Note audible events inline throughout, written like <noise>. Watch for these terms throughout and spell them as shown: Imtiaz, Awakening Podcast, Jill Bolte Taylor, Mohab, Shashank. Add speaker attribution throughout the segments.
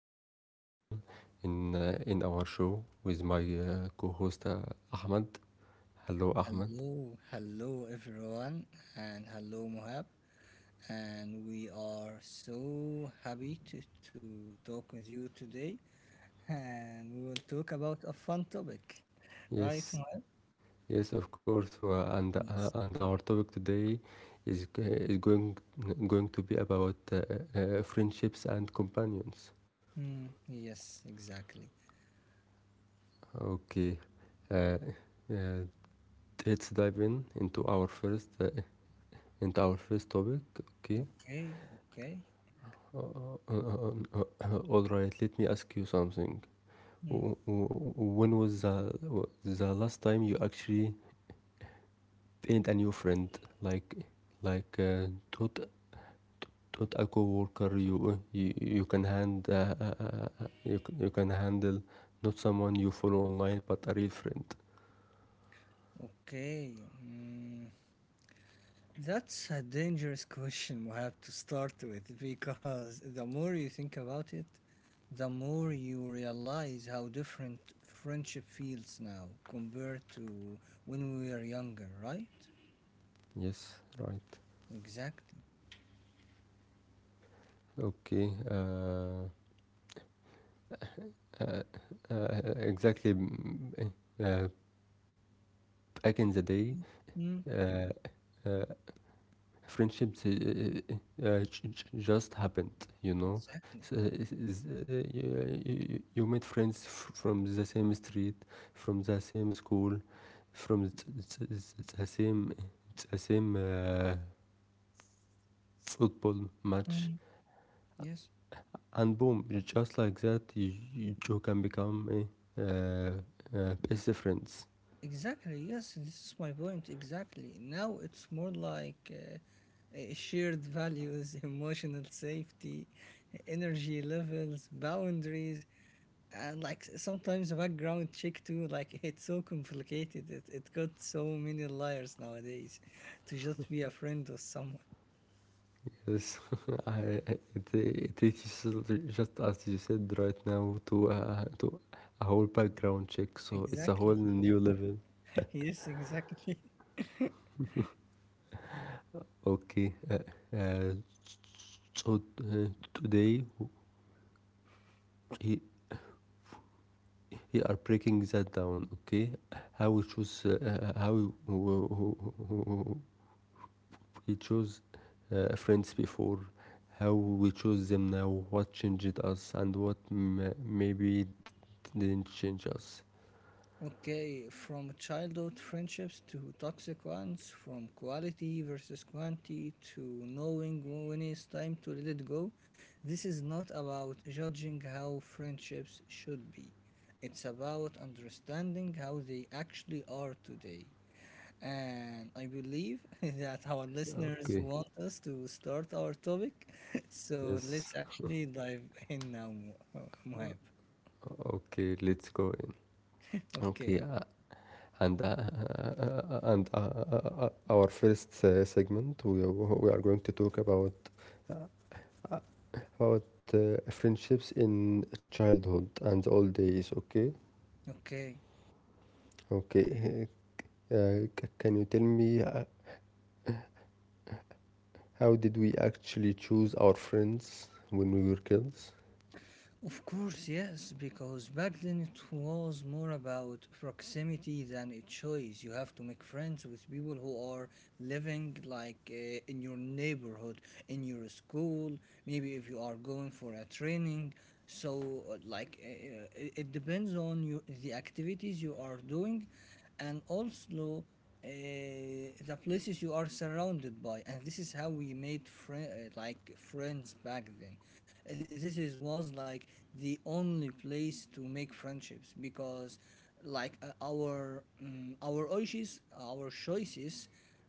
Speaker 1: welcome back everyone in our show with my co-host Ahmed. Hello, Ahmed.
Speaker 2: Hello, hello everyone, and hello Mohab. And we are so happy to talk with you today. And we will talk about a fun topic, <laughs> right, Mohab?
Speaker 1: Yes, yes, of course. Uh, and
Speaker 2: Yes.
Speaker 1: uh, and our topic today is g- is going to be about friendships and companions.
Speaker 2: Mm, yes, exactly.
Speaker 1: Okay, uh, uh, let's dive in into our first topic. Okay.
Speaker 2: Okay, okay.
Speaker 1: All right, let me ask you something.
Speaker 2: Mm,
Speaker 1: When was the last time you actually painted a new friend? Like like taught a coworker you can hand you, c- you can handle, not someone you follow online but a real friend.
Speaker 2: okay. Mm, that's a dangerous question we have to start with because the more you think about it, the more you realize how different friendship feels now compared to when we were younger, right?
Speaker 1: Yes, right.
Speaker 2: Exactly.
Speaker 1: Okay. Uh, uh, exactly. Eh, Uh, Back in the day,
Speaker 2: Mm,
Speaker 1: uh, uh, friendships just happened you know
Speaker 2: exactly.
Speaker 1: so, you, you met friends from the same street, from the same school, from the same football match.
Speaker 2: Mm, yes.
Speaker 1: And boom, just like that, you can become a uh, best friends.
Speaker 2: Exactly. Yes, this is my point. Exactly. Now it's more like shared values, <laughs> emotional safety, energy levels, boundaries, and like sometimes the background check too, like <laughs> it's so complicated, it got so many layers nowadays to just be a friend of someone.
Speaker 1: Yes, <laughs> it is, just as you said right now, to a whole background check. So it's a whole
Speaker 2: Exactly.
Speaker 1: new level.
Speaker 2: <laughs> Yes, exactly. <laughs>
Speaker 1: Okay, uh, so today we, we are breaking that down. Okay, how we choose, how we chose friends before, how we chose them now, what changed us, and what maybe didn't change us.
Speaker 2: Okay, from childhood friendships to toxic ones, from quality versus quantity to knowing when it's time to let it go. This is not about judging how friendships should be, it's about understanding how they actually are today. And I believe <laughs> that our listeners
Speaker 1: Okay.
Speaker 2: want us to start our topic. <laughs> So let's
Speaker 1: Yes.
Speaker 2: actually dive in now, Muhab.
Speaker 1: Okay. Let's go in. Okay.
Speaker 2: Okay,
Speaker 1: And Our first segment, we are going to talk about friendships in childhood and old days, okay?
Speaker 2: okay.
Speaker 1: Okay. Uh, can you tell me how did we actually choose our friends when we were kids?
Speaker 2: Of course, yes, because back then it was more about proximity than a choice. You have to make friends with people who are living like in your neighborhood, in your school, maybe if you are going for a training. So, it depends on your, the activities you are doing, and also the places you are surrounded by, and this is how we made friends back then. Th- this is was like the only place to make friendships, because our our choices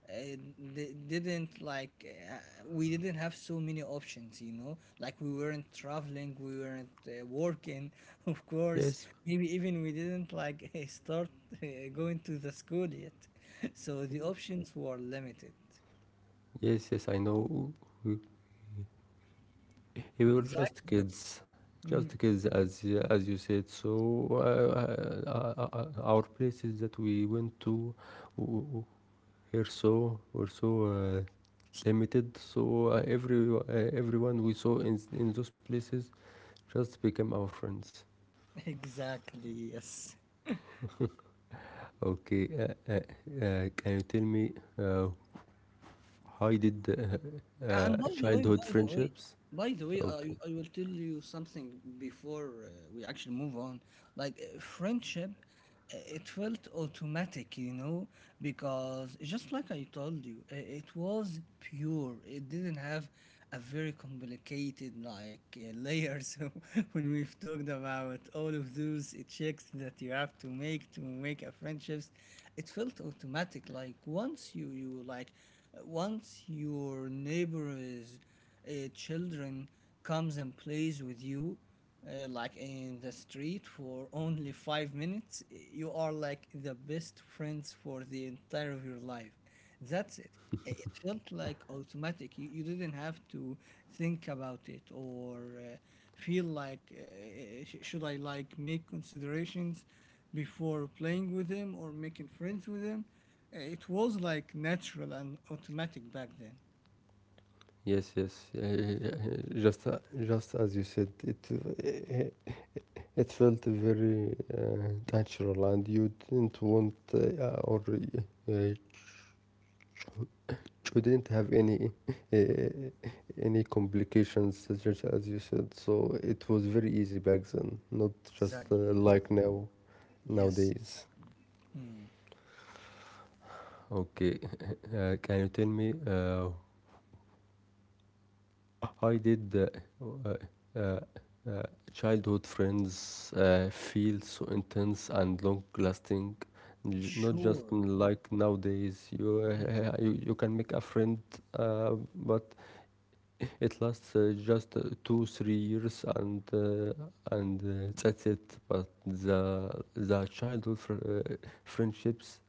Speaker 2: uh, d- didn't like uh, we didn't have so many options, you know. Like we weren't traveling, we weren't working, <laughs> of course.
Speaker 1: Yes,
Speaker 2: Maybe even we didn't like <laughs> start uh, going to the school yet. <laughs> So the options were limited.
Speaker 1: yes, yes, I know. We, we were
Speaker 2: Exactly. Mm,
Speaker 1: just kids, as you said. So uh, uh, uh, our places that we went to w- w- were so limited. So everyone we saw in those places just become our friends.
Speaker 2: <laughs> exactly, yes.
Speaker 1: Okay, can you tell me uh, how you did
Speaker 2: And by the way
Speaker 1: childhood
Speaker 2: by the way
Speaker 1: friendships?
Speaker 2: By the way,
Speaker 1: Okay.
Speaker 2: I will tell you something before we actually move on. Like friendship, it felt automatic, you know, because just like I told you, it was pure. It didn't have a very complicated, like, layer. <laughs> So when we've talked about all of those checks that you have to make a friendships, it felt automatic. Like once you like, once your neighbor is children comes and plays with you like in the street for only 5 minutes, you are like the best friends for the entire of your life. That's it. It felt like automatic. You you didn't have to think about it or should I, like, make considerations before playing with them or making friends with them. It was like natural and automatic back then.
Speaker 1: Yes, yes. Yeah, yeah, yeah, just as you said, it felt very natural, and you didn't have uh, any complications, such as you said. So it was very easy back then, not just
Speaker 2: Exactly,
Speaker 1: uh,
Speaker 2: yes.
Speaker 1: like now,
Speaker 2: Yes.
Speaker 1: nowadays.
Speaker 2: Hmm.
Speaker 1: Okay, <laughs> can you tell me how did uh, uh, uh, childhood friends feel so intense and long-lasting? Not just
Speaker 2: Sure.
Speaker 1: like nowadays, you
Speaker 2: Mm.
Speaker 1: uh, you, you can make a friend, but it lasts just two, 3 years, and that's it. But the childhood friendships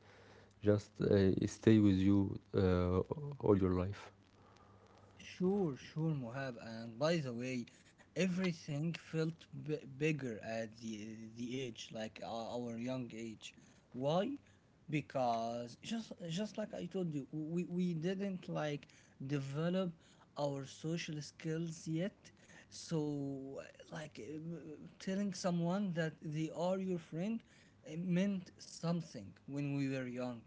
Speaker 1: just stay with you all your life.
Speaker 2: Sure, sure, Mohab. And by the way, everything felt bigger at the age, like our young age. Why? Because just like I told you, we didn't like develop our social skills yet. So like telling someone that they are your friend, it meant something when we were young.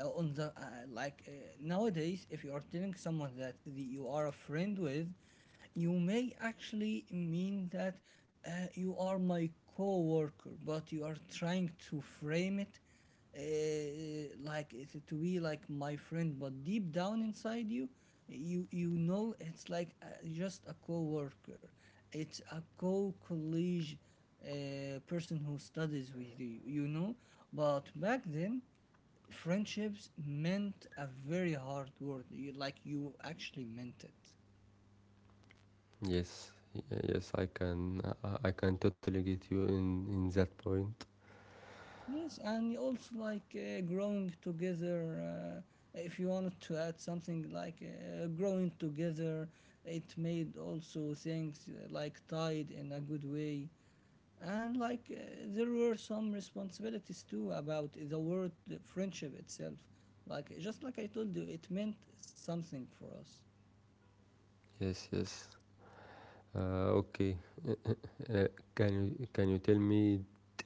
Speaker 2: On the like Nowadays, if you are telling someone that, you are a friend with, you may actually mean that you are my co-worker, but you are trying to frame it like it's to be like my friend, but deep down inside you know it's like, just a co-worker, it's a co-colleague, person who studies with you, you know. But back then, friendships meant a very hard word. You, like, you actually meant it.
Speaker 1: Yes, y- yes, I can totally get you in that point.
Speaker 2: Yes, and you also, like, growing together, if you wanted to add something, like, growing together, it made also things like tied in a good way. And like, there were some responsibilities too about the word friendship itself. Like just like I told you, it meant something for us.
Speaker 1: Yes, yes. Okay. Uh, can you tell me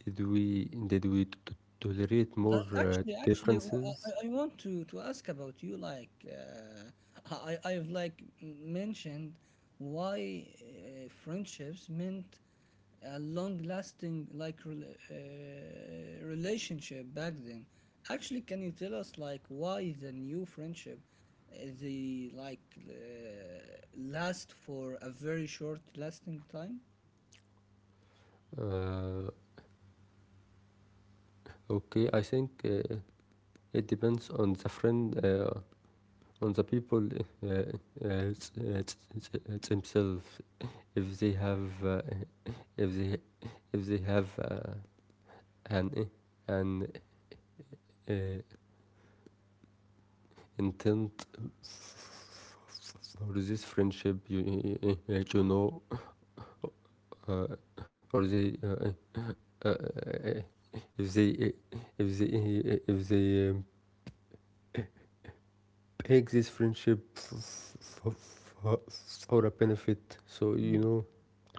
Speaker 1: did we tolerate
Speaker 2: But
Speaker 1: more
Speaker 2: actually, actually, w- I,
Speaker 1: differences?
Speaker 2: I I want to ask about you. Like, I mentioned why friendships meant a long-lasting, like, relationship back then. Actually, can you tell us like why the new friendship, they like, last for a very short-lasting time?
Speaker 1: Uh, okay, I think it depends on the friend, on the people themselves. If they have, <laughs> if they if they have an an uh, intent or this friendship, you, that you know, uh, or they uh, uh, uh, if they if they if they pick this friendship for, for, for a benefit, so you
Speaker 2: Mm.
Speaker 1: know.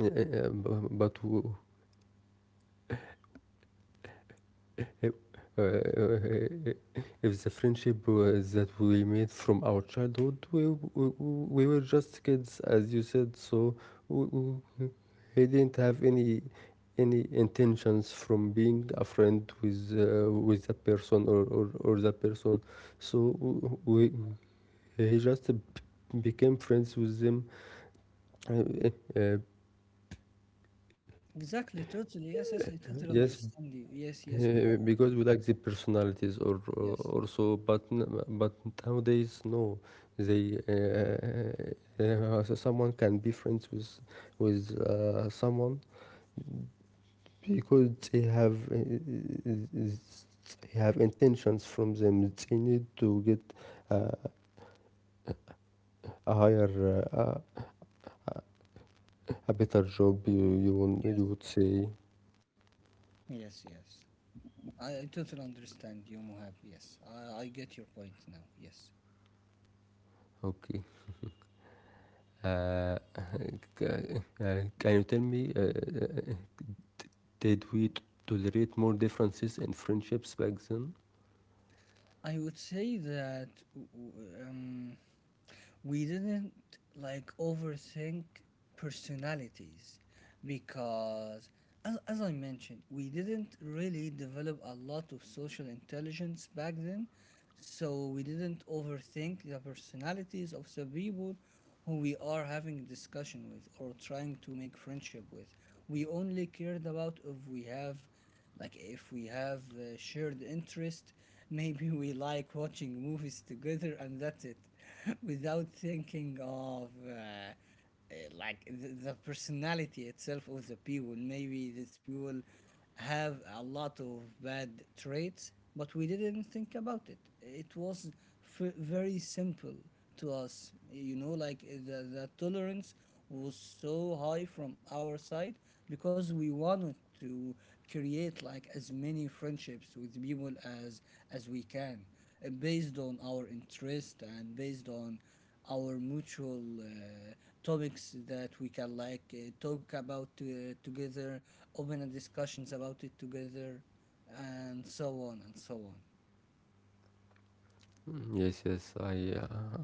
Speaker 1: Uh, uh, but It, uh, uh, if the friendship was that we made from our childhood, we were just kids, as you said, so we he didn't have any intentions from being a friend with that person, or, that person. So he just became friends with them. Uh, uh,
Speaker 2: Exactly, totally. Yes, yes, I totally
Speaker 1: yes.
Speaker 2: understand you. Yes, yes, my love.
Speaker 1: Because we like the personalities, or
Speaker 2: Yes,
Speaker 1: also, but nowadays, no, they so someone can be friends with someone because they have intentions from them. They need to get a higher a better job,
Speaker 2: yes,
Speaker 1: you
Speaker 2: yes.
Speaker 1: would say.
Speaker 2: Yes, yes. I totally understand you, Mohab. Yes, I get your point now. Yes.
Speaker 1: Okay. uh, <laughs> c- can you tell me uh, did we tolerate more differences in friendships back then?
Speaker 2: I would say that we didn't like overthink personalities because, as I mentioned, we didn't really develop a lot of social intelligence back then. So we didn't overthink the personalities of the people who we are having discussion with or trying to make friendship with. We only cared about if we have, like, if we have shared interest. Maybe we like watching movies together, and that's it. <laughs> Without thinking of like the personality itself of the people. Maybe these people have a lot of bad traits, but we didn't think about it. It was very simple to us, you know. Like the tolerance was so high from our side, because we wanted to create like as many friendships with people as we can, based on our interest and based on our mutual topics that we can, like, talk about together, open a discussions about it together, and so on and so on.
Speaker 1: Mm, yes, yes, I, uh,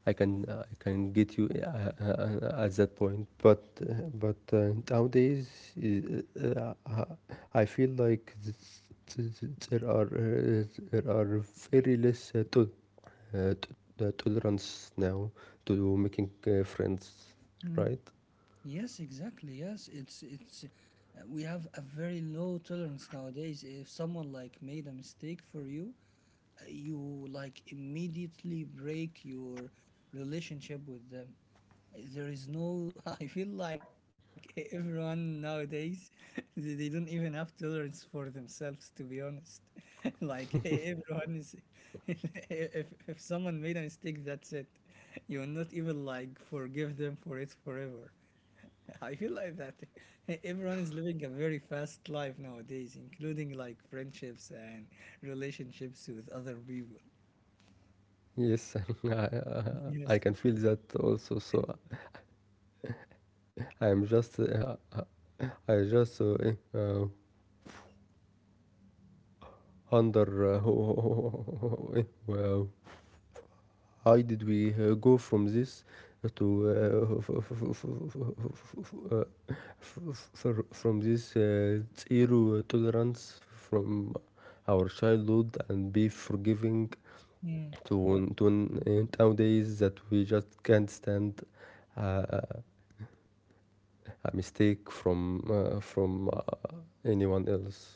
Speaker 1: I can, uh, I can get you at that point. But nowadays, I feel like th- th- there are, uh, there are very less uh, to, tolerance now to making friends,
Speaker 2: Mm.
Speaker 1: right?
Speaker 2: Yes, exactly. Yes, it's it's. We have a very low tolerance nowadays. If someone, like, made a mistake for you, you, like, immediately break your relationship with them. There is no, <laughs> I feel like everyone nowadays, <laughs> they don't even have tolerance for themselves, to be honest. <laughs> Like everyone is, <laughs> if someone made a mistake, that's it. You will not even like forgive them for it forever. <laughs> I feel like that. <laughs> Everyone is living a very fast life nowadays, including like friendships and relationships with other people.
Speaker 1: Yes, <laughs> I,
Speaker 2: <laughs>
Speaker 1: uh,
Speaker 2: Yes.
Speaker 1: I can feel that also. So I am just uh, I just eh, under <laughs> wow. How did we go from this to uh, from this zero tolerance from our childhood and be forgiving
Speaker 2: Hmm.
Speaker 1: to nowadays that we just can't stand uh, a mistake from anyone else.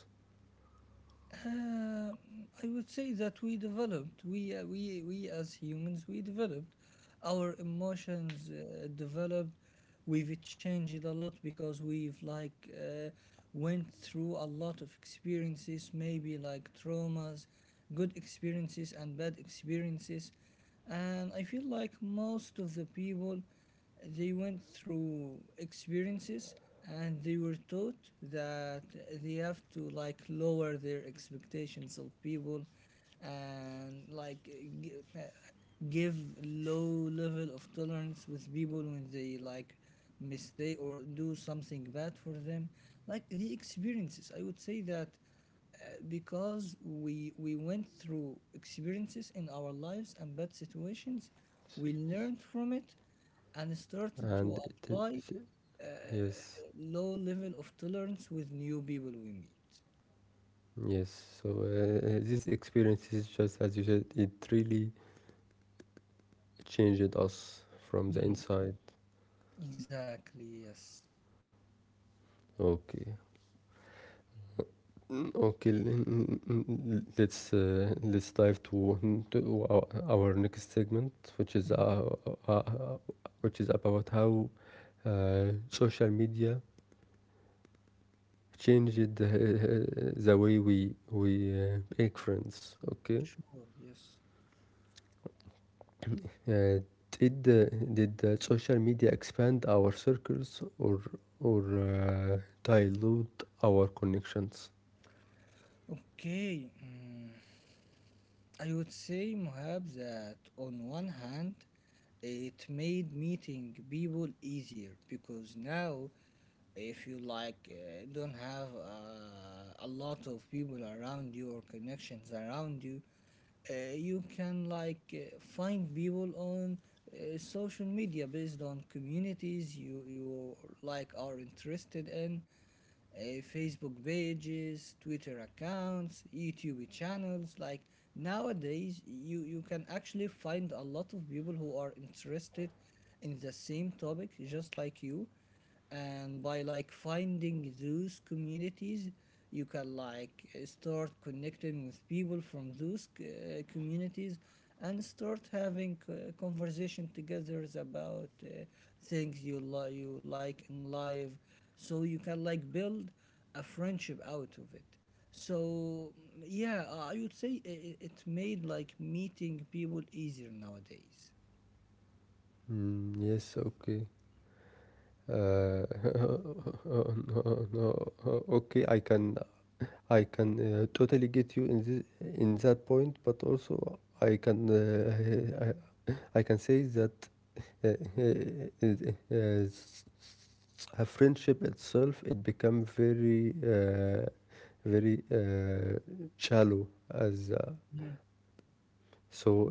Speaker 2: Um, I would say that we developed, we as humans, we developed. Our emotions, developed. We've changed a lot because we've like went through a lot of experiences, maybe like traumas, good experiences and bad experiences. And I feel like most of the people, they went through experiences and they were taught that they have to, like, lower their expectations of people and, like, give low level of tolerance with people when they, like, mistake or do something bad for them. Like the experiences, I would say that, because we went through experiences in our lives and bad situations, we learned from it and started to
Speaker 1: And
Speaker 2: apply uh,
Speaker 1: yes.
Speaker 2: low level of tolerance with new people we meet.
Speaker 1: Yes, so these experiences, just as you said, it really changed us from the
Speaker 2: Mm,
Speaker 1: inside.
Speaker 2: exactly, yes.
Speaker 1: Okay. Mm, okay. Let's dive to our next segment,
Speaker 2: Mm,
Speaker 1: uh, uh, which is about how social media changed the way we make friends. Okay.
Speaker 2: sure, yes.
Speaker 1: Uh, did the social media expand our circles, or dilute our connections?
Speaker 2: Okay, mm, I would say, Mohab, that on one hand, it made meeting people easier, because now, if you, like, don't have a lot of people around you or connections around you, you can, like, find people on social media based on communities you like are interested in. uh, Facebook pages, Twitter accounts, YouTube channels. Like nowadays, you can actually find a lot of people who are interested in the same topic, just like you. And by, like, finding those communities, you can, like, start connecting with people from those communities and start having conversation together about things you like in life, so you can, like, build a friendship out of it. So mm, yeah, I would say it, it made like meeting people easier nowadays.
Speaker 1: Mm, yes. Okay. Uh, <laughs> no, no, okay. I can totally get you in that point, but also I can <laughs> I can say that uh, uh, uh, s- s- a friendship itself, it become very very shallow, as
Speaker 2: Mm,
Speaker 1: so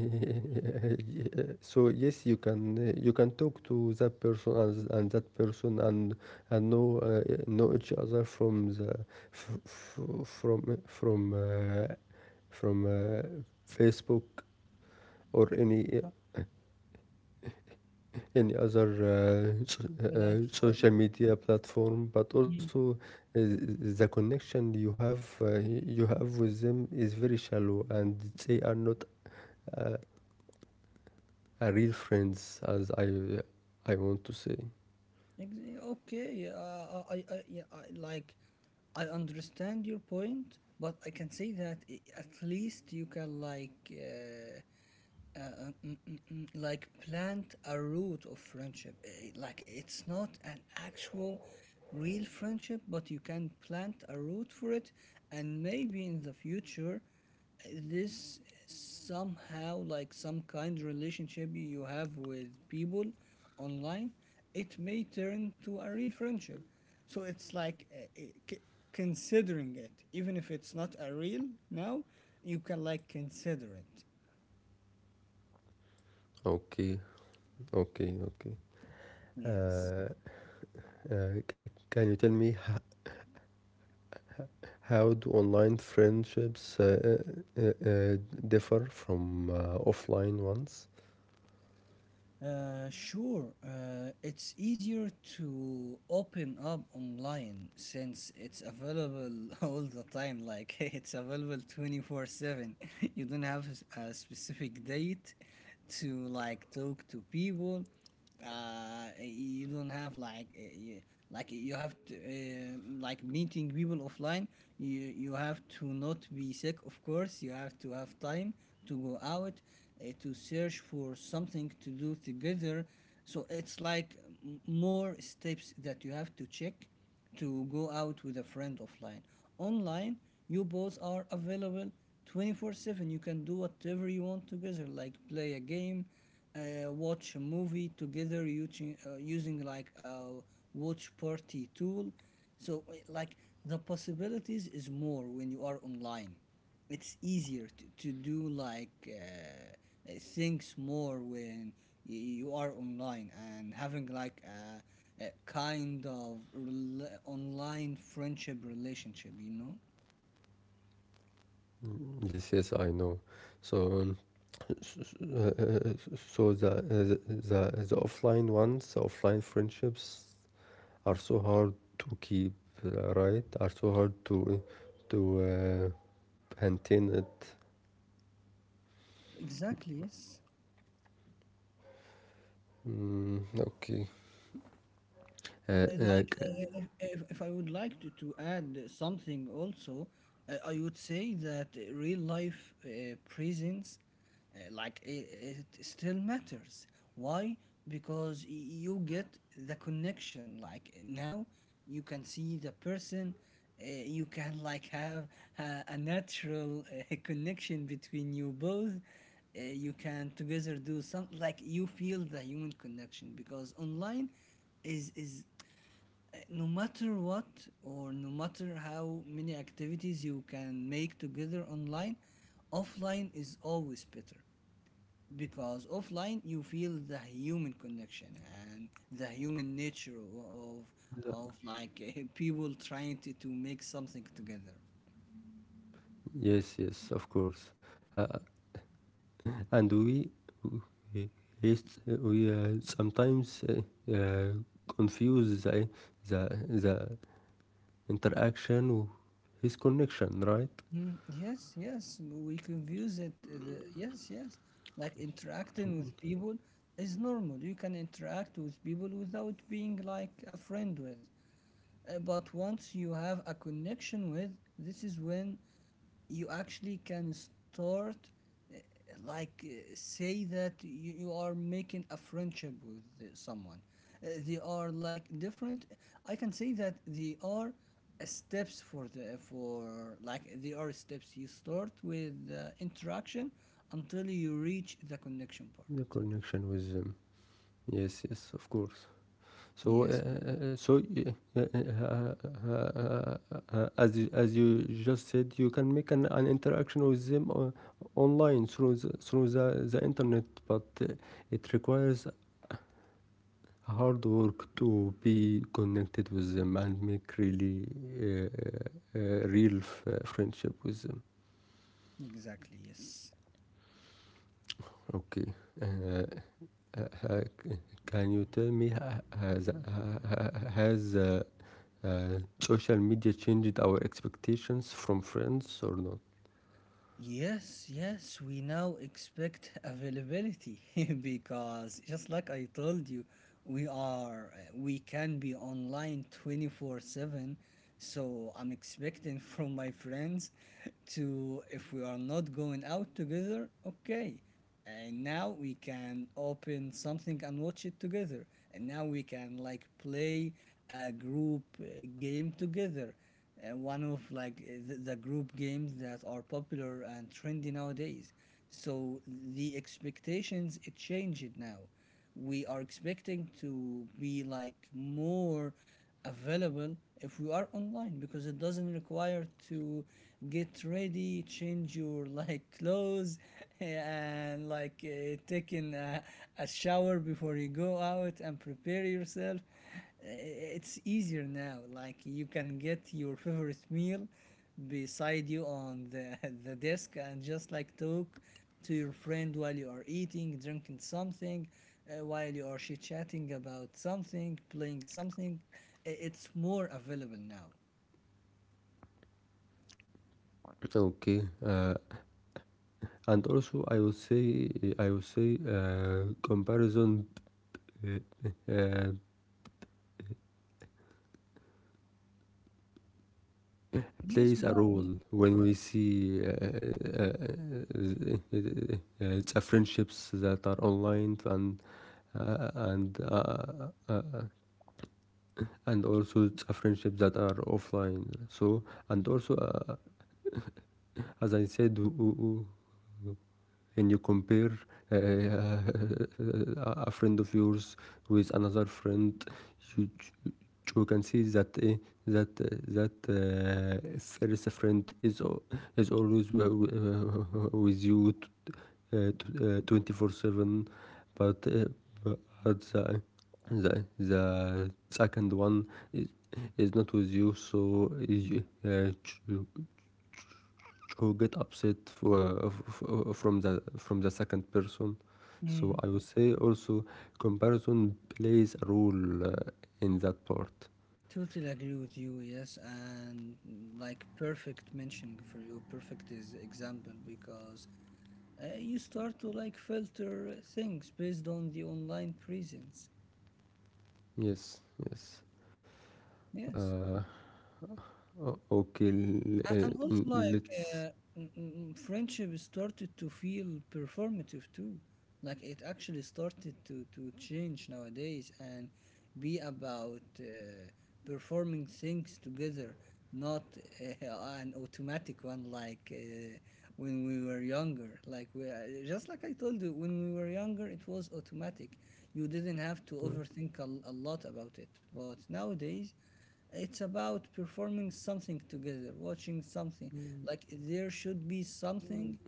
Speaker 1: <laughs> so, yes, you can talk to that person, and that person, and know each other from the f- f- from Facebook or any other social
Speaker 2: platform.
Speaker 1: media platform, but
Speaker 2: Mm,
Speaker 1: also the connection you have with them is very shallow, and they are not uh, a real friends, as I want to say.
Speaker 2: Okay, yeah, I, like, I understand your point, but I can say that, at least you can, like, like plant a root of friendship. Eh, like it's not an actual real friendship, but you can plant a root for it. And maybe in the future, eh, this somehow like some kind relationship you have with people online, it may turn to a real friendship. So it's like, considering it, even if it's not a real now, you can, like, consider it.
Speaker 1: Okay, okay, okay.
Speaker 2: Yes.
Speaker 1: Uh, can you tell me how do online friendships uh, uh, differ from offline ones?
Speaker 2: Sure. It's easier to open up online since it's available <laughs> all the time. Like <laughs> it's available 24/7. <laughs> You don't have a specific date to like talk to people you don't have like you have to like meeting people offline. You have to not be sick, of course, you have to have time to go out, to search for something to do together. So it's like more steps that you have to check to go out with a friend offline. Online, you both are available 24/7. You can do whatever you want together, like play a game, watch a movie together using, using like a watch party tool. So, like, the possibilities is more when you are online. It's easier to do like things more when you are online and having like a kind of online friendship relationship, you know?
Speaker 1: Yes, yes, I know. So. um, S- uh, uh, so the offline ones, the offline friendships, are so hard to keep, right? Are so hard to maintain it.
Speaker 2: Exactly, yes.
Speaker 1: Mm, okay. Uh, uh,
Speaker 2: Like,
Speaker 1: c-
Speaker 2: if I would like to add something also, I would say that real life presence, like, it still matters. Why? Because you get the connection. Like, now you can see the person, you can, like, have a natural <laughs> connection between you both. You can together do some, like, you feel the human connection, because online is no matter what, or no matter how many activities you can make together online, offline is always better, because offline you feel the human connection and the human nature of like <laughs> people trying to make something together.
Speaker 1: yes, yes, of course. Uh, and we, yes, we sometimes uh, confuse the interaction with connection, right?
Speaker 2: Yes, yes, we confuse it. Yes, yes. Like, interacting with people is normal. You can interact with people without being like a friend with. But once you have a connection with, this is when you actually can start, uh, like, say that you are making a friendship with someone. They are like different. I can say that they are steps for the for like, they are steps. You start with interaction until you reach the connection part.
Speaker 1: The connection with. Yes, yes, of course. So,
Speaker 2: Yes.
Speaker 1: so as you just said, you can make an interaction with them online through the internet, but it requires hard work to be connected with them and make really friendship with them.
Speaker 2: Exactly. Yes.
Speaker 1: Okay. Uh, uh, uh, can you tell me has social media changed our expectations from friends or not?
Speaker 2: Yes, yes, we now expect availability <laughs> because, just like I told you, we are we can be online 24/7. So, I'm expecting from my friends to, if we are not going out together, okay, and now we can open something and watch it together, and now we can like play a group game together, one of like the group games that are popular and trendy nowadays. So the expectations it changed. Now we are expecting to be like more available if we are online, because it doesn't require to get ready, change your like clothes <laughs> and like taking a shower before you go out and prepare yourself. Uh, it's easier now, like you can get your favorite meal beside you on <laughs> the desk and just like talk to your friend while you are eating, drinking something, while you are chit chatting about something, playing something, it's more available now.
Speaker 1: Okay, and also I would say comparison uh, uh, plays
Speaker 2: Yes,
Speaker 1: a
Speaker 2: Mohammed.
Speaker 1: role when we see uh, friendships that are online, uh, and uh, uh, and also it's a friendships that are offline. So, and also as I said, and you compare a friend of yours with another friend, you you can see that that uh, first friend is always <laughs> with you uh, 24/7, but but the the second one is is not with you, so you who get upset from the second person. So I
Speaker 2: Mm,
Speaker 1: would say also comparison plays a role in that part.
Speaker 2: totally agree with you. Yes, and like, perfect mentioning for you, perfect is example, because you start to like filter things based on the online presence.
Speaker 1: Yes, yes.
Speaker 2: Yes,
Speaker 1: uh, okay.
Speaker 2: And also, like,
Speaker 1: Let's,
Speaker 2: friendship started to feel performative too. Like, it actually started to change nowadays and be about performing things together, not <laughs> an automatic one, like when we were younger. Like, just like I told you, when we were younger, it was automatic. You didn't have to overthink a lot about it. But nowadays, it's about performing something together, watching something. Like, there should be something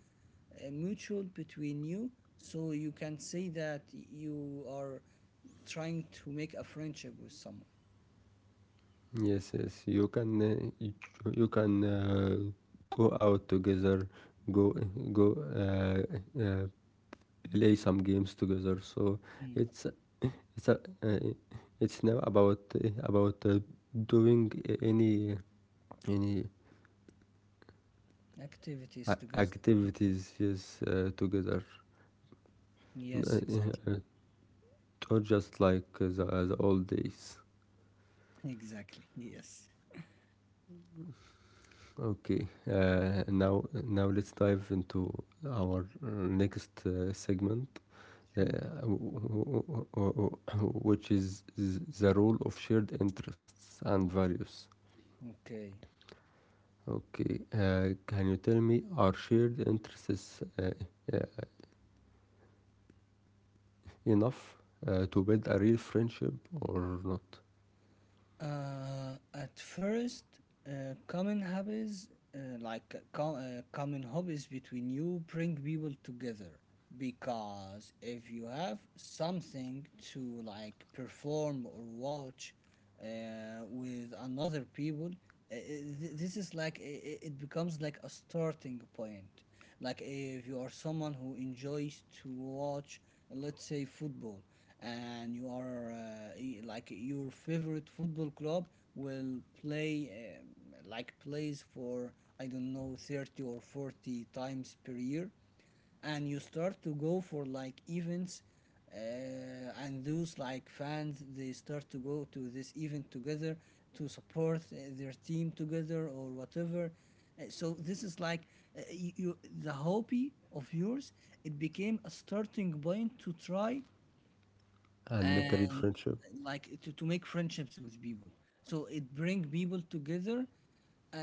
Speaker 2: mutual between you, so you can say that you are trying to make a friendship with someone.
Speaker 1: yes, yes, you can you can go out together, go go uh, uh, play some games together. So
Speaker 2: Mm.
Speaker 1: it's So uh, it's now about doing any any
Speaker 2: Activities together.
Speaker 1: activities, yes, together.
Speaker 2: Yes,
Speaker 1: Uh,
Speaker 2: exactly.
Speaker 1: uh, or just like the, the old days.
Speaker 2: Exactly. Yes.
Speaker 1: Okay, now let's dive into our next segment, uh,
Speaker 2: Sure.
Speaker 1: w- which is the role of shared interests and values.
Speaker 2: Okay.
Speaker 1: Okay, can you tell me, are shared interests uh, uh, enough to build a real friendship or not
Speaker 2: At first, common hobbies common hobbies between you bring people together, because if you have something to like perform or watch with another people, uh, uh, this is like, it becomes like a starting point. Like, if you are someone who enjoys to watch, let's say, football, and you are like, your favorite football club will play, like, plays for, I don't know, 30 or 40 times per year, and you start to go for like events, uh, and those like fans, they start to go to this event together to support their team together or whatever. So this is like, the hobby of yours, it became a starting point to try
Speaker 1: and make a real
Speaker 2: and
Speaker 1: friendship?
Speaker 2: like to make friendships with people. So it bring people together, uh,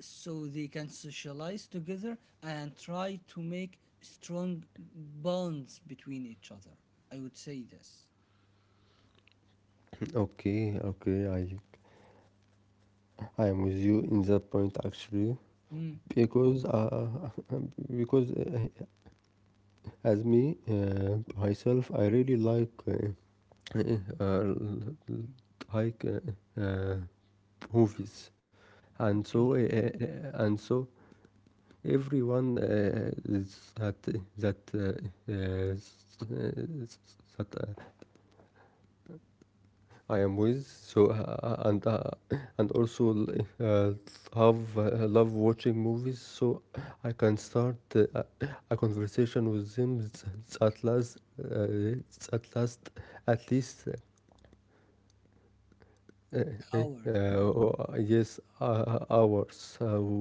Speaker 2: so they can socialize together and try to make strong bonds between each other. I would say this.
Speaker 1: Okay, okay, I am with you in that point actually
Speaker 2: Mm,
Speaker 1: because <laughs> because as me, myself, I really like <laughs> uh, like movies,
Speaker 2: okay,
Speaker 1: and so everyone is that that uh, uh, that uh, I am with, so and also uh, have love watching movies, so I can start a conversation with them, at last uh, at last at least
Speaker 2: ours.
Speaker 1: yes, hours.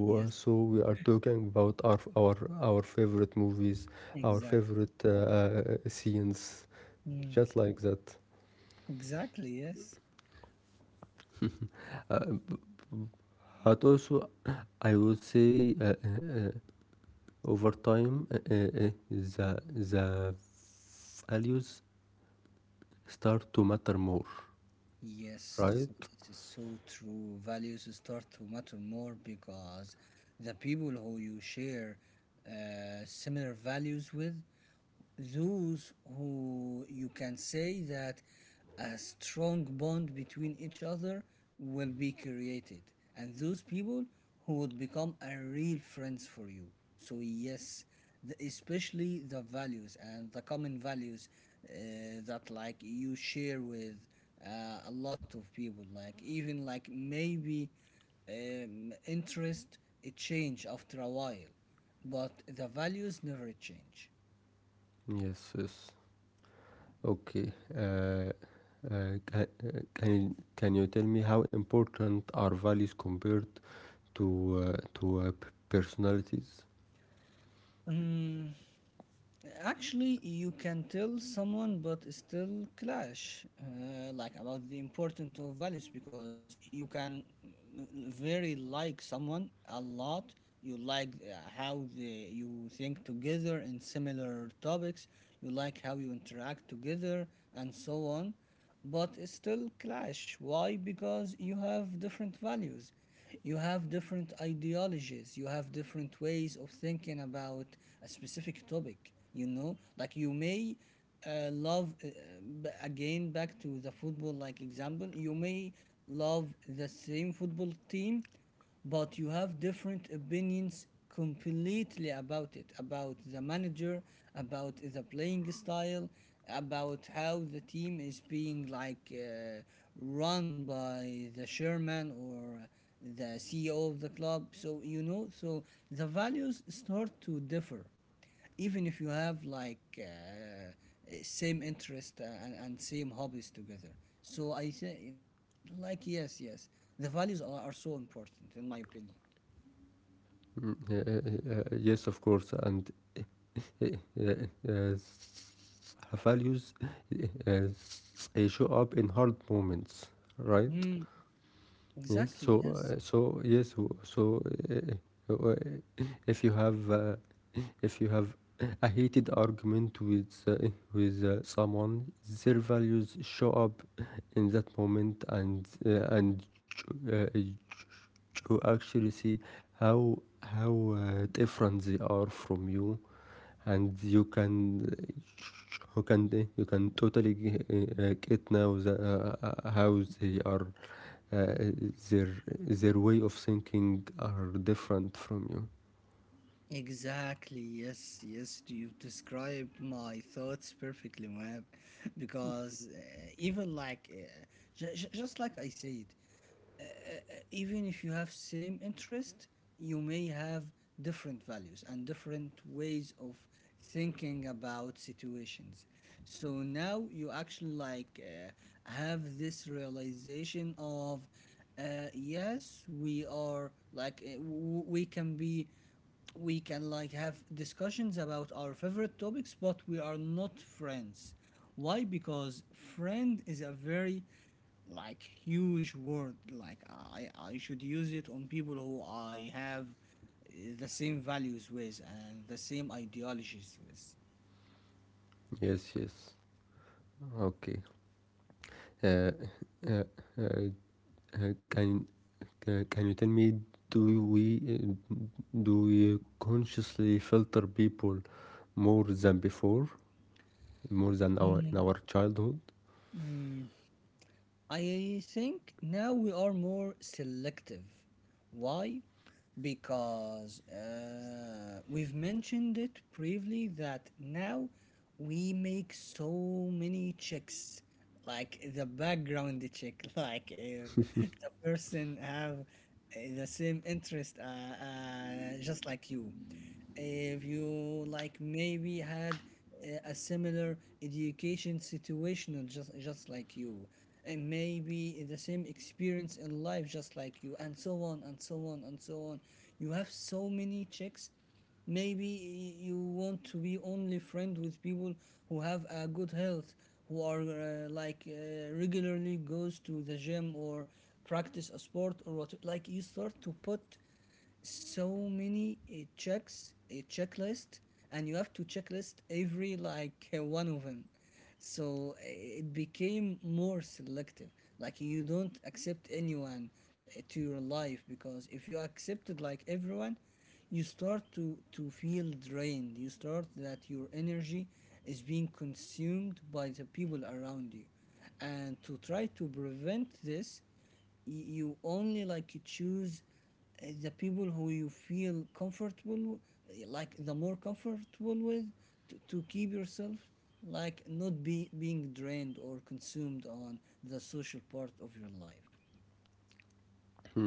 Speaker 2: Yes,
Speaker 1: so we are talking about our favorite movies, our
Speaker 2: exactly.
Speaker 1: favorite scenes,
Speaker 2: Mm,
Speaker 1: just like that,
Speaker 2: exactly, yes.
Speaker 1: uh, but also I would say, over time the values start to matter more,
Speaker 2: Yes,
Speaker 1: right?
Speaker 2: this is so true. Values start to matter more because the people who you share similar values with, those who you can say that a strong bond between each other will be created, and those people who would become a real friends for you. So yes, especially the values and the common values that like you share with a lot of people, like, even like maybe interest it change after a while, but the values never change.
Speaker 1: Yes, yes. Okay, can you tell me how important are values compared to personalities?
Speaker 2: Mm, actually, you can tell someone but still clash like about the importance of values, because you can very like someone a lot, you like you think together in similar topics, you like how you interact together, and so on, but still clash. Why? Because you have different values, you have different ideologies, you have different ways of thinking about a specific topic. You know, like, you may uh, love uh, again, back to the football like example. You may love the same football team, but you have different opinions completely about it, about the manager, about the playing style, about how the team is being like run by the chairman or the CEO of the club, so you know. So the values start to differ, even if you have like same interest and same hobbies together. So I say like, yes, yes, the values are so important in my opinion.
Speaker 1: Mm, yes, of course, and uh, uh, values, uh, they show up in hard moments,
Speaker 2: Mm,
Speaker 1: right? Yes,
Speaker 2: exactly,
Speaker 1: so
Speaker 2: yes.
Speaker 1: so yes, so uh, uh, uh, if you have uh, if you have a heated argument with someone, their values show up in that moment, and you- uh, you actually see how different they are from you, and you can you can totally get now the, how they are, uh, their way of thinking are different from you.
Speaker 2: Exactly, yes, yes. You described my thoughts perfectly, man. <laughs> Because even like, just like I said, even if you have same interest, you may have different values and different ways of thinking about situations. So now you actually like have this realization of, yes, we are like we can be, we can like have discussions about our favorite topics, but we are not friends. Why? Because friend is a very like huge word. Like, I should use it on people who I have the same values with, and the same ideologies with.
Speaker 1: Yes, yes. Okay. Uh, uh, uh, uh, can can you tell me, do we uh, do we consciously filter people more than before, more than our
Speaker 2: Mhm.
Speaker 1: in our childhood?
Speaker 2: Mm, I think now we are more selective. Why? Because we've mentioned it previously that now we make so many checks, like the background check, <laughs> like if the person have the same interest, just like you, if you like maybe had a similar education situation, just like you, and maybe the same experience in life, just like you, and so on, and so on, and so on. You have so many checks. Maybe you want to be only friend with people who have a good health, who are regularly goes to the gym or practice a sport or what. Like, you start to put so many checks, a checklist, and you have to checklist every like one of them. So it became more selective. Like, you don't accept anyone to your life, because if you accepted like everyone, you start to feel drained. You start that your energy is being consumed by the people around you, and to try to prevent this, you only like choose the people who you feel comfortable like, the more comfortable with, to keep yourself like not be being drained or consumed on the social part of your life.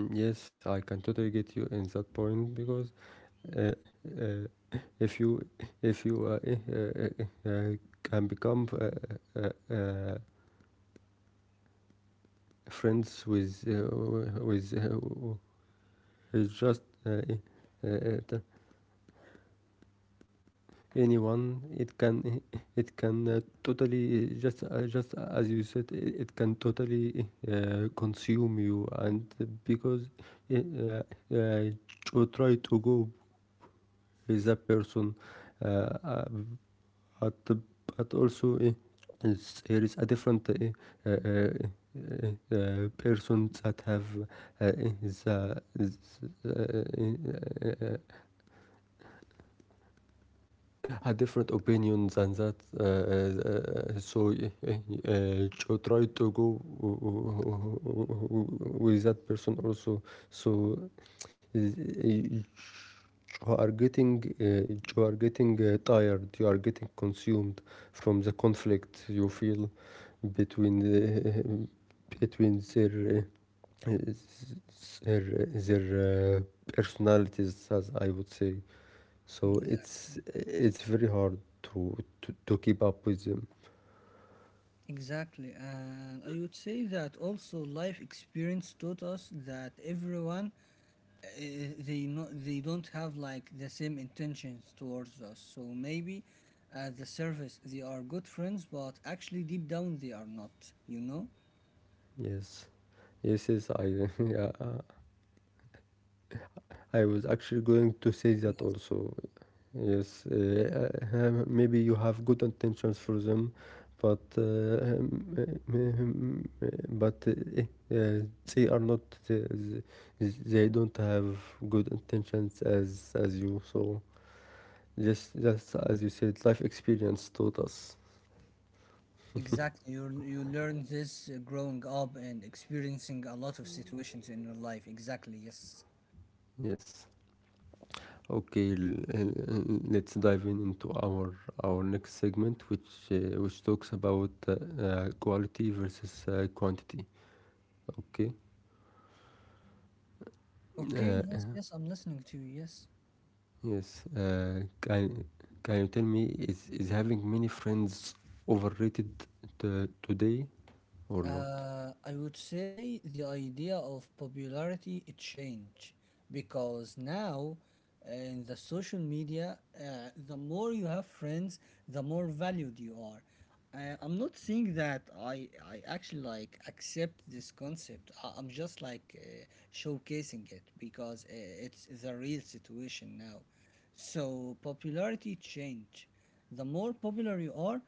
Speaker 1: Mm, yes, I can totally get you in that point because uh, uh, if you if you eh, uh, can become friends with with just uh, t- anyone. It can totally just as you said, it can totally consume you, and because uh, uh, you try to go with that person, uh, uh, at the but also there is a different persons that have uh, is, uh, is, uh, uh, a different opinion than that. So to try to go uh, uh, uh, uh, with that person also. So you you are getting tired, you are getting consumed from the conflict you feel between uh, between their, uh, their, their personalities, as I would say. So it's
Speaker 2: Exactly.
Speaker 1: it's very hard to keep up with them.
Speaker 2: Exactly. And I would say that also life experience taught us that everyone uh, they don't have like the same intentions towards us. So, maybe at the surface they are good friends, but actually deep down they are not. You know?
Speaker 1: Yes, yes, yes, I <laughs> yeah, I was actually going to say that
Speaker 2: Yes,
Speaker 1: also. Yes, maybe you have good intentions for them, but uh, they are not the, they don't have good intentions as you. So just as you said, life experience taught us.
Speaker 2: exactly. You learn this growing up and experiencing a lot of situations in your life. Exactly. Yes.
Speaker 1: Yes. Okay, let's dive in into our next segment, which talks about quality versus quantity. Okay,
Speaker 2: Okay.
Speaker 1: uh,
Speaker 2: Yes. Yes. I'm listening to you. Yes.
Speaker 1: yes, can you tell me, is having many friends overrated today or not?
Speaker 2: I would say the idea of popularity it changed because now in the social media, the more you have friends, the more valued you are. I'm not saying that I actually like accept this concept. I'm just like showcasing it, because it's the real situation now. So popularity change, the more popular you are,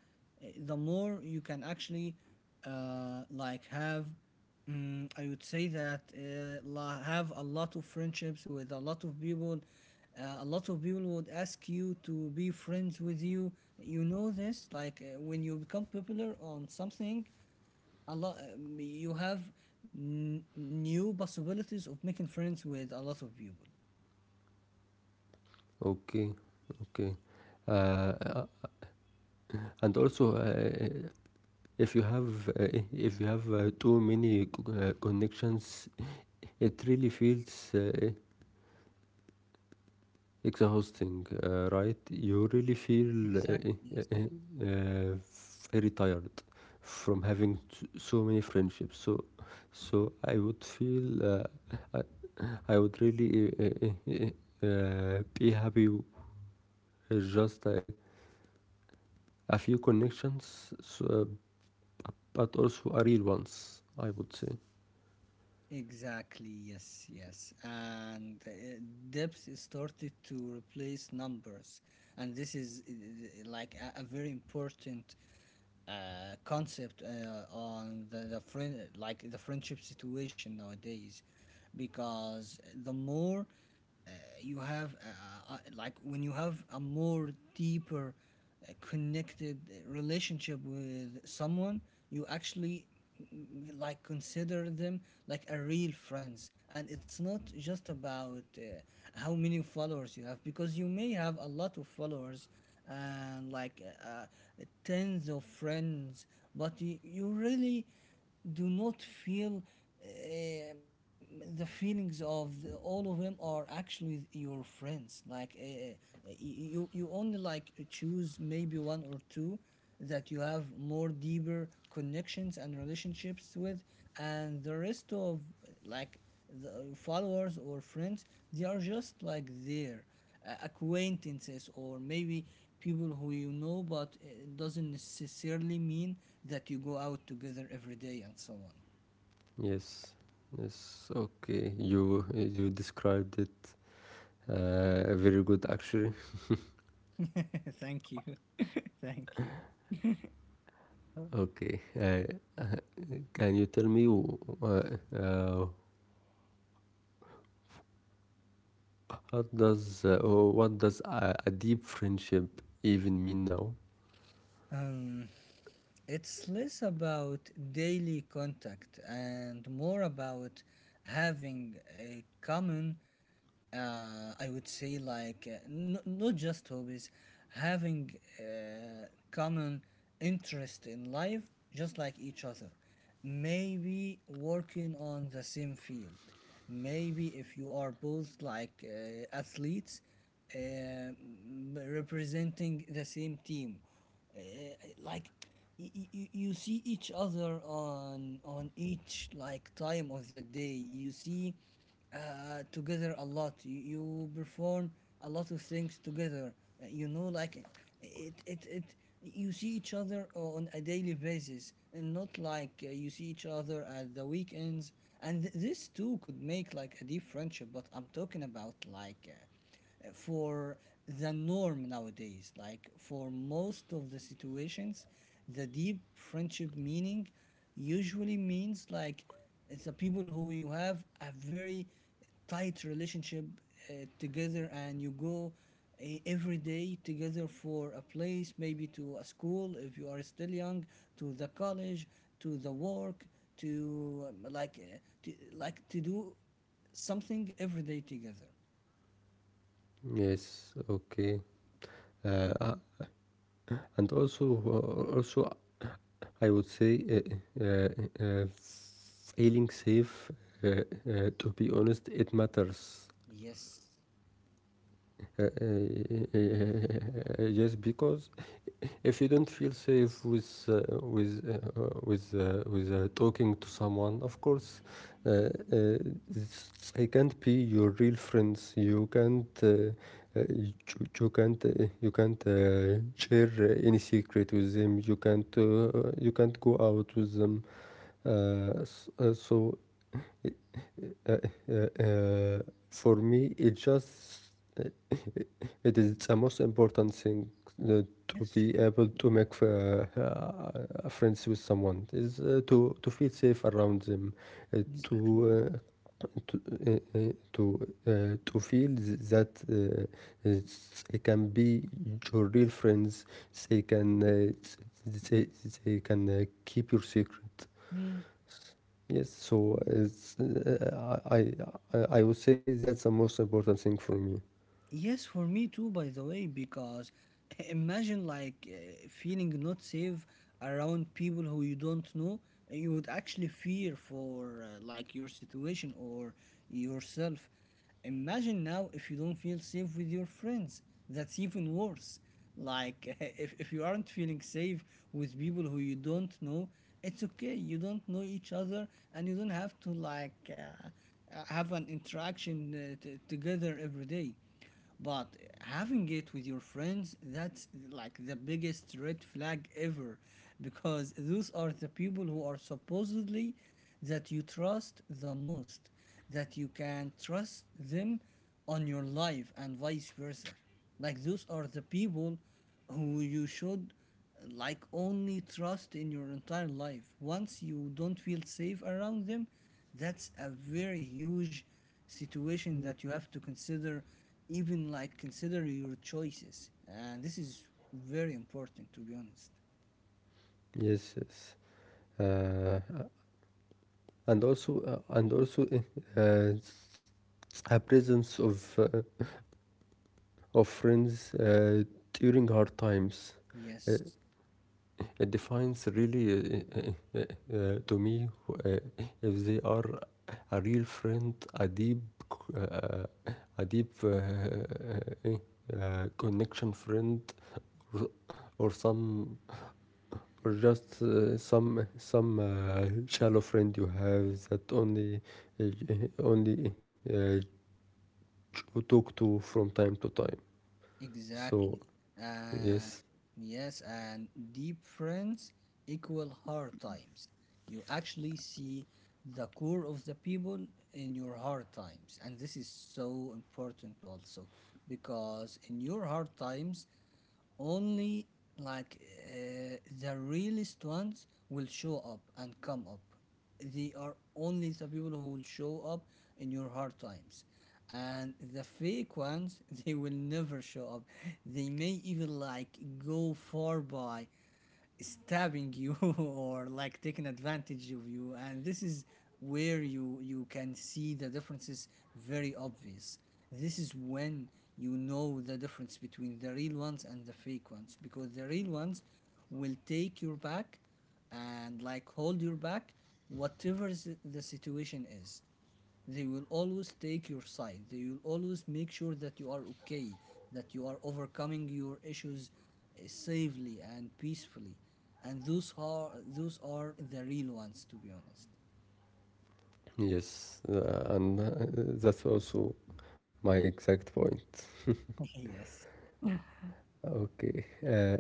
Speaker 2: the more you can actually like have mm, I would say that la- have a lot of friendships with a lot of people. A lot of people would ask you to be friends with you. You know this, like when you become popular on something a lot, you have new possibilities of making friends with a lot of people.
Speaker 1: Okay, okay. Uh, uh, and also, if you have too many connections. It really feels exhausting, right? You really feel
Speaker 2: Exactly.
Speaker 1: very tired from having so many friendships. So, so I would feel I, I would really be happy with just a few connections, so, but also a real ones, I would say.
Speaker 2: Exactly, yes, yes. And depth is started to replace numbers. And this is like a very important concept on the friend, like the friendship situation nowadays, because the more uh, you have like when you have a more deeper connected relationship with someone, you actually like consider them like a real friends. And it's not just about how many followers you have, because you may have a lot of followers and like tens of friends, but you really do not feel the feelings of the, all of them are actually your friends. Like you only like choose maybe one or two that you have more deeper connections and relationships with, and the rest of, like, the followers or friends, they are just like there, acquaintances or maybe people who you know, but it doesn't necessarily mean that you go out together every day and so on.
Speaker 1: Yes, yes. Okay, you described it very good actually.
Speaker 2: <laughs> Thank you. <laughs> Thank you.
Speaker 1: Okay. Can you tell me, what does a deep friendship even mean now?
Speaker 2: um, it's less about daily contact and more about having a common, I would say like not just hobbies, having uh, common interest in life, just like each other. Maybe working on the same field. Maybe if you are both like athletes, representing the same team, uh, like you see each other on each like time of the day. You see together a lot. You perform a lot of things together. You know, like it you see each other on a daily basis, and not like you see each other at the weekends. And this too could make like a deep friendship, but I'm talking about like for the norm nowadays. Like for most of the situations, the deep friendship meaning usually means like it's the people who you have a very tight relationship together, and you go every day together for a place, maybe to a school if you are still young, to the college, to the work, to like like to do something every day together.
Speaker 1: Yes, okay. Uh, uh, and also, also, I would say uh, feeling safe. Uh, to be honest, it matters.
Speaker 2: Yes.
Speaker 1: Just because, if you don't feel safe with with talking to someone, of course, uh, uh, they can't be your real friends. You can't uh, you, share any secret with them. You can't you can't go out with them. Uh, s- uh, so uh, uh, uh, for me, it just uh, it is the most important thing uh, to
Speaker 2: Yes,
Speaker 1: be
Speaker 2: sure.
Speaker 1: able to make friends with someone. Is to feel safe around them, uh,
Speaker 2: Exactly.
Speaker 1: to uh, to uh, uh, to, to feel that they can be your real friends. They can uh, th- they, they can keep your secret.
Speaker 2: Mm.
Speaker 1: Yes, so it's, I would say that's the most important thing for me.
Speaker 2: Yes, for me too, by the way, because <laughs> imagine like feeling not safe around people who you don't know. You would actually fear for like your situation or yourself. Imagine now if you don't feel safe with your friends. That's even worse. Like <laughs> if you aren't feeling safe with people who you don't know, it's okay. You don't know each other, and you don't have to like have an interaction together every day, but having it with your friends, that's like the biggest red flag ever, because those are the people who are supposedly that you trust the most, that you can trust them on your life and vice versa. Like those are the people who you should like only trust in your entire life. Once you don't feel safe around them, that's a very huge situation that you have to consider, even like consider your choices. And this is very important, to be honest.
Speaker 1: Yes, yes. uh, and also, a presence of friends during hard times. Uh,
Speaker 2: Yes.
Speaker 1: it defines really to me uh, if they are a real friend, a deep, uh, a deep connection friend, or some or just some shallow friend you have that uh, only we talk to from time to time. So
Speaker 2: Exactly. And
Speaker 1: yes,
Speaker 2: yes, and deep friends equal hard times. You actually see the core of the people in your hard times, and this is so important also, because in your hard times, only, like, the realist ones will show up and come up. They are only the people who will show up in your hard times, and the fake ones <laughs> they will never show up. They may even like go far by stabbing you <laughs> or like taking advantage of you. And this is where you can see the differences very obvious. This is when you know the difference between the real ones and the fake ones, because the real ones will take your back and like hold your back, whatever the situation is. They will always take your side. They will always make sure that you are okay, that you are overcoming your issues safely and peacefully. And those are, those are the real ones, to be honest.
Speaker 1: yes, and that's also my exact point.
Speaker 2: <laughs> Yes.
Speaker 1: Okay,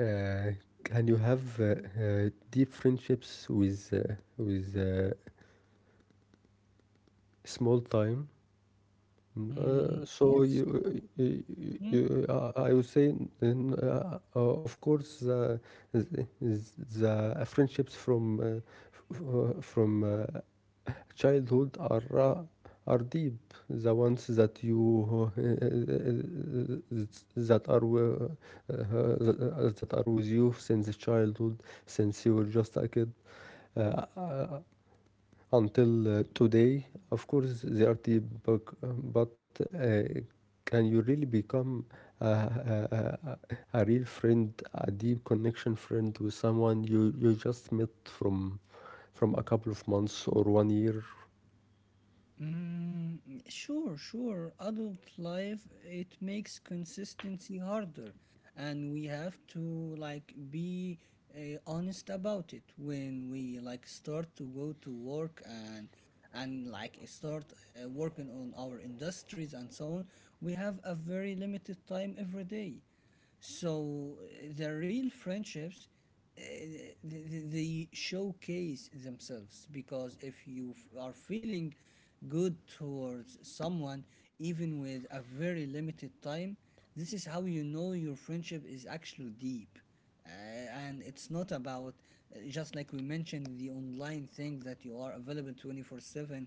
Speaker 1: uh, can you have deep friendships with small time?
Speaker 2: Mm,
Speaker 1: So,
Speaker 2: yes, sure. Mm,
Speaker 1: I would say, of course, the friendships from childhood are are deep, the ones that you <laughs> that are wi- that are with you since childhood, since you were just a kid uh, uh, until today, of course they are deep, but, but uh, can you really become a, a, a real friend, a deep connection friend, with someone you just met from a couple of months or one year?
Speaker 2: mm, sure, sure. Adult life, it makes consistency harder, and we have to like be honest about it when we like start to go to work and like start working on our industries and so on. We have a very limited time every day. So the real friendships, uh, th- they showcase themselves, because if you are feeling good towards someone, even with a very limited time, this is how you know your friendship is actually deep. Uh, and it's not about just like we mentioned, the online thing that you are available 24/7,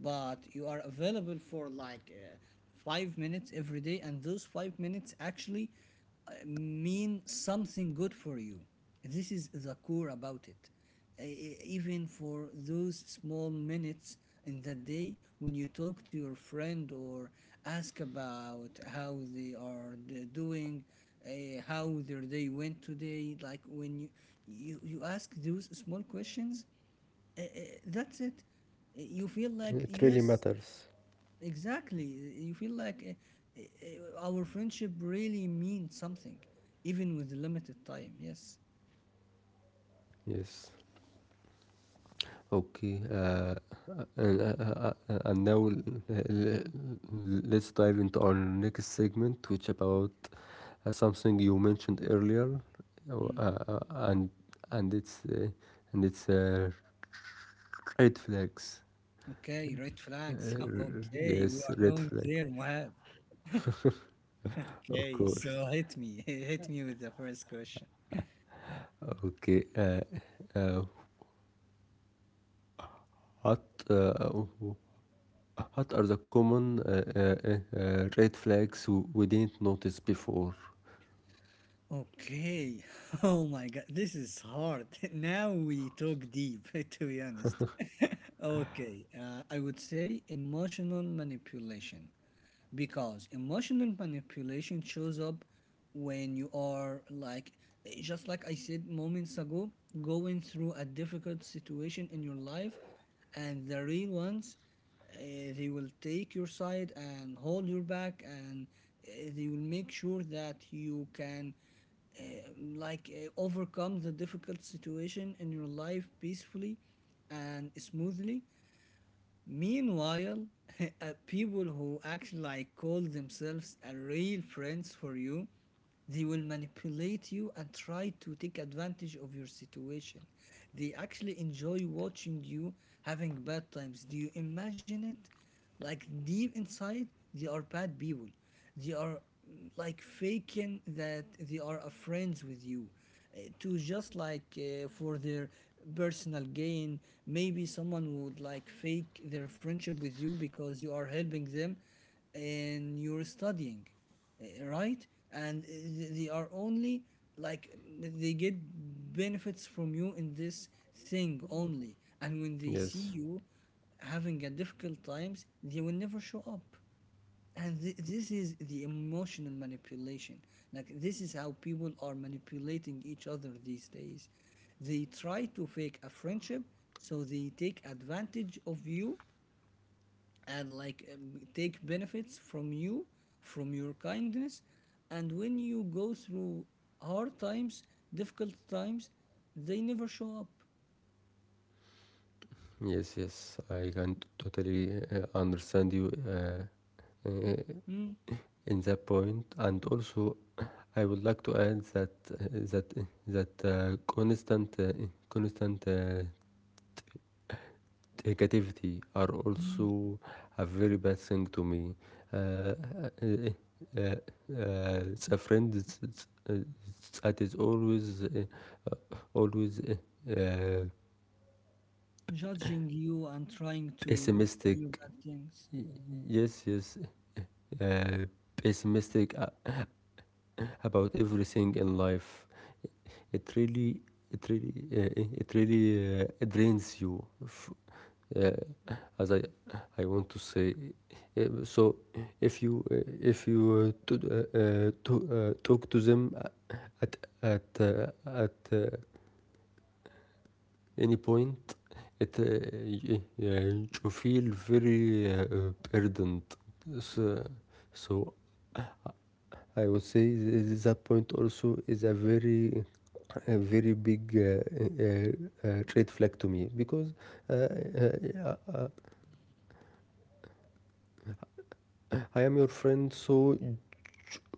Speaker 2: but you are available for like 5 minutes every day, and those 5 minutes actually mean something good for you. This is the core about it. Even for those small minutes in the day, when you talk to your friend or ask about how they are doing, how their day went today, like when you ask those small questions, uh, uh, that's it. You feel like,
Speaker 1: It
Speaker 2: yeah,
Speaker 1: really
Speaker 2: yes.
Speaker 1: matters.
Speaker 2: Exactly. You feel like our friendship really means something, even with limited time. Yes.
Speaker 1: Yes. Okay. And now, let's dive into our next segment, which about something you mentioned earlier, uh,
Speaker 2: Hmm.
Speaker 1: uh, and and it's uh, and it's red flags.
Speaker 2: Okay, red flags. <laughs> Okay, we
Speaker 1: Yes,
Speaker 2: are
Speaker 1: red
Speaker 2: going
Speaker 1: flags.
Speaker 2: there, Mohab. <laughs>
Speaker 1: Of
Speaker 2: Okay,
Speaker 1: course.
Speaker 2: so hit me. <laughs> Hit me with the first question.
Speaker 1: Okay. Uh, what uh, What are the common red flags we didn't notice before?
Speaker 2: Okay. <laughs> Oh my God, this is hard. <laughs> Now we talk deep, <laughs> to be honest. <laughs> Okay, I would say emotional manipulation, because emotional manipulation shows up when you are like, just like I said moments ago, going through a difficult situation in your life. And the real ones, uh, they will take your side and hold your back, and they will make sure that you can uh, overcome the difficult situation in your life peacefully and smoothly. Meanwhile, <laughs> people who actually like call themselves a real friends for you, they will manipulate you and try to take advantage of your situation. They actually enjoy watching you having bad times. Do you imagine it? Like deep inside, they are bad people. They are, like, faking that they are a friends with you, to just like for their personal gain. Maybe someone would like fake their friendship with you because you are helping them and you're studying, right? And they are only, like, they get benefits from you in this thing only. And when they see
Speaker 1: Yes,
Speaker 2: you having a difficult times, they will never show up. And this is the emotional manipulation. Like this is how people are manipulating each other these days. They try to fake a friendship, so they take advantage of you and like take benefits from you, from your kindness. And when you go through hard times, difficult times, they never show up.
Speaker 1: yes, yes. I can totally understand you
Speaker 2: Mm.
Speaker 1: uh, in that point. And also, I would like to add that uh, that constant negativity are
Speaker 2: Mm,
Speaker 1: also a very bad thing to me. Uh, uh, it's a friend, that is always always
Speaker 2: judging you and trying to tell you
Speaker 1: pessimistic.
Speaker 2: bad things.
Speaker 1: Yes, yes, uh, pessimistic, <laughs> about everything in life. It really, it really drains you. Uh, as I want to say. So if you talk to them at at any point, it yeah, you feel very burdened. So, so I would say that point also is a very big red flag to me, because uh, uh, uh, I am your friend, so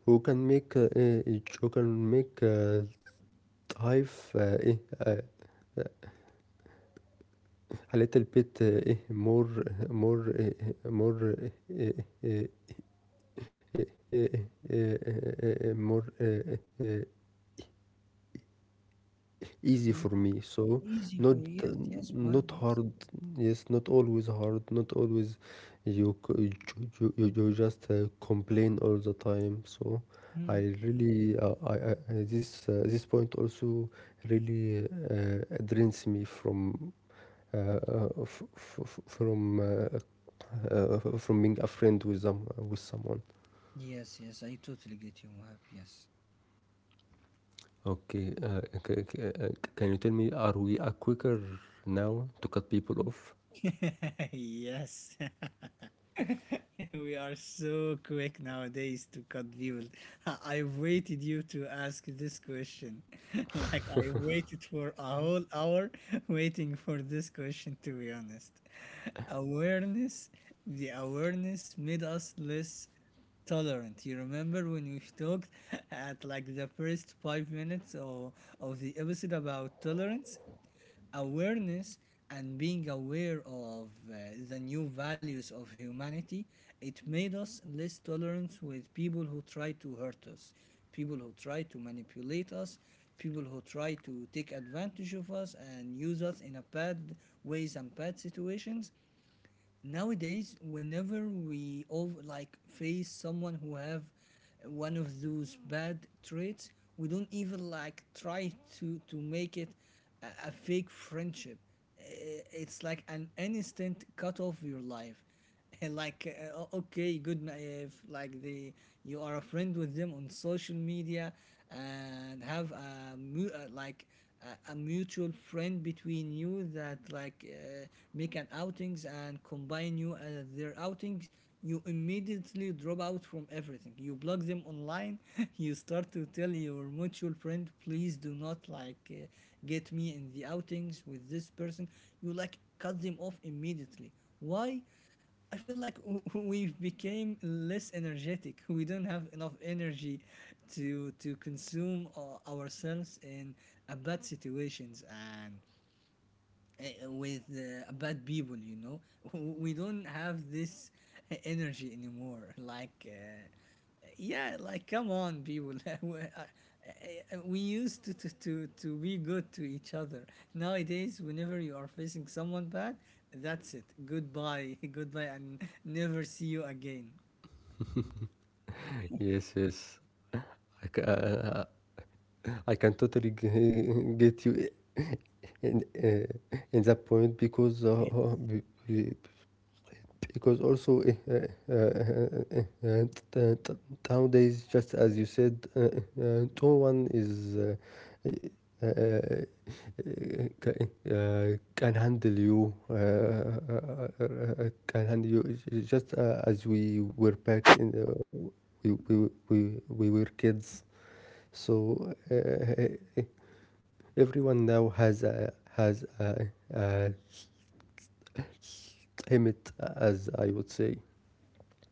Speaker 1: who can make life uh, a little bit eh, more more eh, more eh, eh, eh, eh, eh, eh, more eh, eh, easy
Speaker 2: Mm,
Speaker 1: for me, so
Speaker 2: easy
Speaker 1: not
Speaker 2: for you. Yes, yes, Mohab,
Speaker 1: not
Speaker 2: yes.
Speaker 1: hard. Yes, not always hard. Not always. You just complain all the time. So
Speaker 2: Mm,
Speaker 1: I really this point also really drains me from f- f- f- from being a friend with someone.
Speaker 2: yes, yes, I totally get you, Mohab, yes.
Speaker 1: Okay, can you tell me, are we quicker now to cut people off?
Speaker 2: <laughs> Yes. <laughs> <laughs> We are so quick nowadays to cut people. <laughs> I waited you to ask this question. <laughs> Like, I waited for a whole hour <laughs> waiting for this question, to be honest. Awareness, the awareness made us less tolerant. You remember when we talked <laughs> at like the first 5 minutes of the episode about tolerance? Awareness and being aware of the new values of humanity, it made us less tolerant with people who try to hurt us, people who try to manipulate us, people who try to take advantage of us and use us in a bad ways and bad situations. Nowadays, whenever we over like face someone who have one of those bad traits, we don't even like try to make it a fake friendship. It's like an instant cut off your life. <laughs> Like okay, good, if like the, you are a friend with them on social media and have a like a mutual friend between you, that like make an outings and combine you as their outings, you immediately drop out from everything. You block them online. <laughs> You start to tell your mutual friend, please do not like get me in the outings with this person. You like cut them off immediately. Why? I feel like <laughs> we became less energetic. We don't have enough energy to consume ourselves in a bad situations and with bad people. You know, <laughs> we don't have this energy anymore. Like yeah, like come on, people. <laughs> We I- we used to, to be good to each other. Nowadays, whenever you are facing someone bad, that's it. Goodbye, <laughs> goodbye, and never see you again.
Speaker 1: Yes, yes. I, ca- uh, I can totally <laughs> get you in that point because
Speaker 2: Yeah.
Speaker 1: be- because also uh, uh, uh, uh, t- t- nowadays, just as you said, no one is can handle you. Can handle you. It's Just as we were back in, we were kids. So everyone now has a limit, as I would say.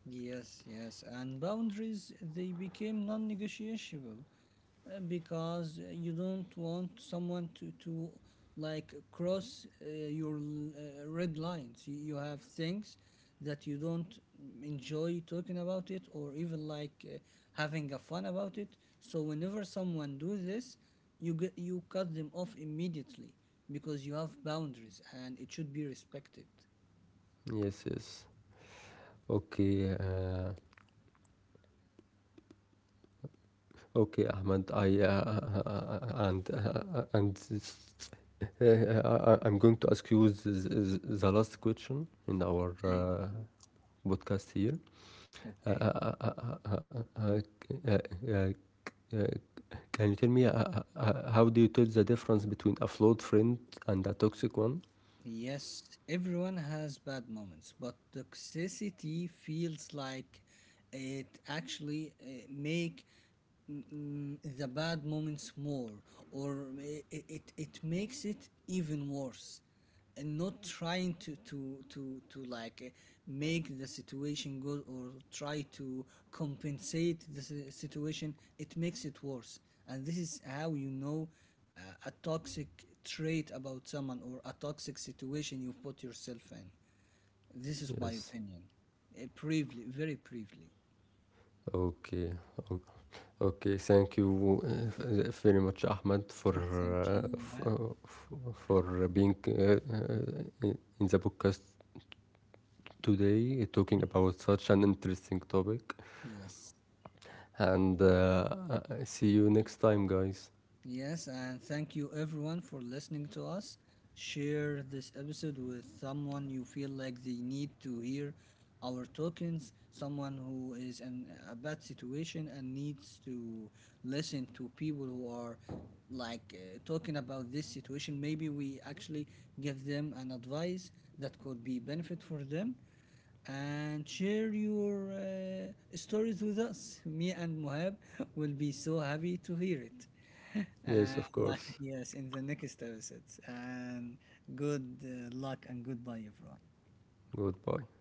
Speaker 2: Yes, yes, and boundaries, they became non-negotiable, because you don't want someone to like cross your red lines. You have things that you don't enjoy talking about it, or even like having a fun about it. So whenever someone do this, you cut them off immediately, because you have boundaries and it should be respected.
Speaker 1: Yes, yes. Okay, okay, Ahmad. I and I'm going to ask you the last question in our
Speaker 2: Okay.
Speaker 1: podcast here. Uh, uh,
Speaker 2: Okay.
Speaker 1: uh, uh, uh, uh, uh, uh, can you tell me, how do you tell the difference between a flawed friend and a toxic one?
Speaker 2: Yes, everyone has bad moments, but toxicity feels like it actually make, the bad moments more, or it makes it even worse, and not trying to like make the situation good or try to compensate the situation. It makes it worse. And this is how you know a toxic trait about someone, or a toxic situation you put yourself in. This is my
Speaker 1: Yes.
Speaker 2: opinion. Briefly, very briefly.
Speaker 1: Okay. Okay, thank you very much, Ahmad,
Speaker 2: <laughs> Thank you.
Speaker 1: for being uh, in the podcast today, talking about such an interesting topic.
Speaker 2: Yes.
Speaker 1: And I see you next time, guys.
Speaker 2: Yes, and thank you everyone for listening to us. Share this episode with someone you feel like they need to hear our tokens, someone who is in a bad situation and needs to listen to people who are like talking about this situation. Maybe we actually give them an advice that could be benefit for them, and share your stories with us. Me and Mohab will be so happy to hear it.
Speaker 1: Yes, of
Speaker 2: And like,
Speaker 1: course.
Speaker 2: <laughs> yes, in the next episodes. And good luck and goodbye, everyone.
Speaker 1: Goodbye.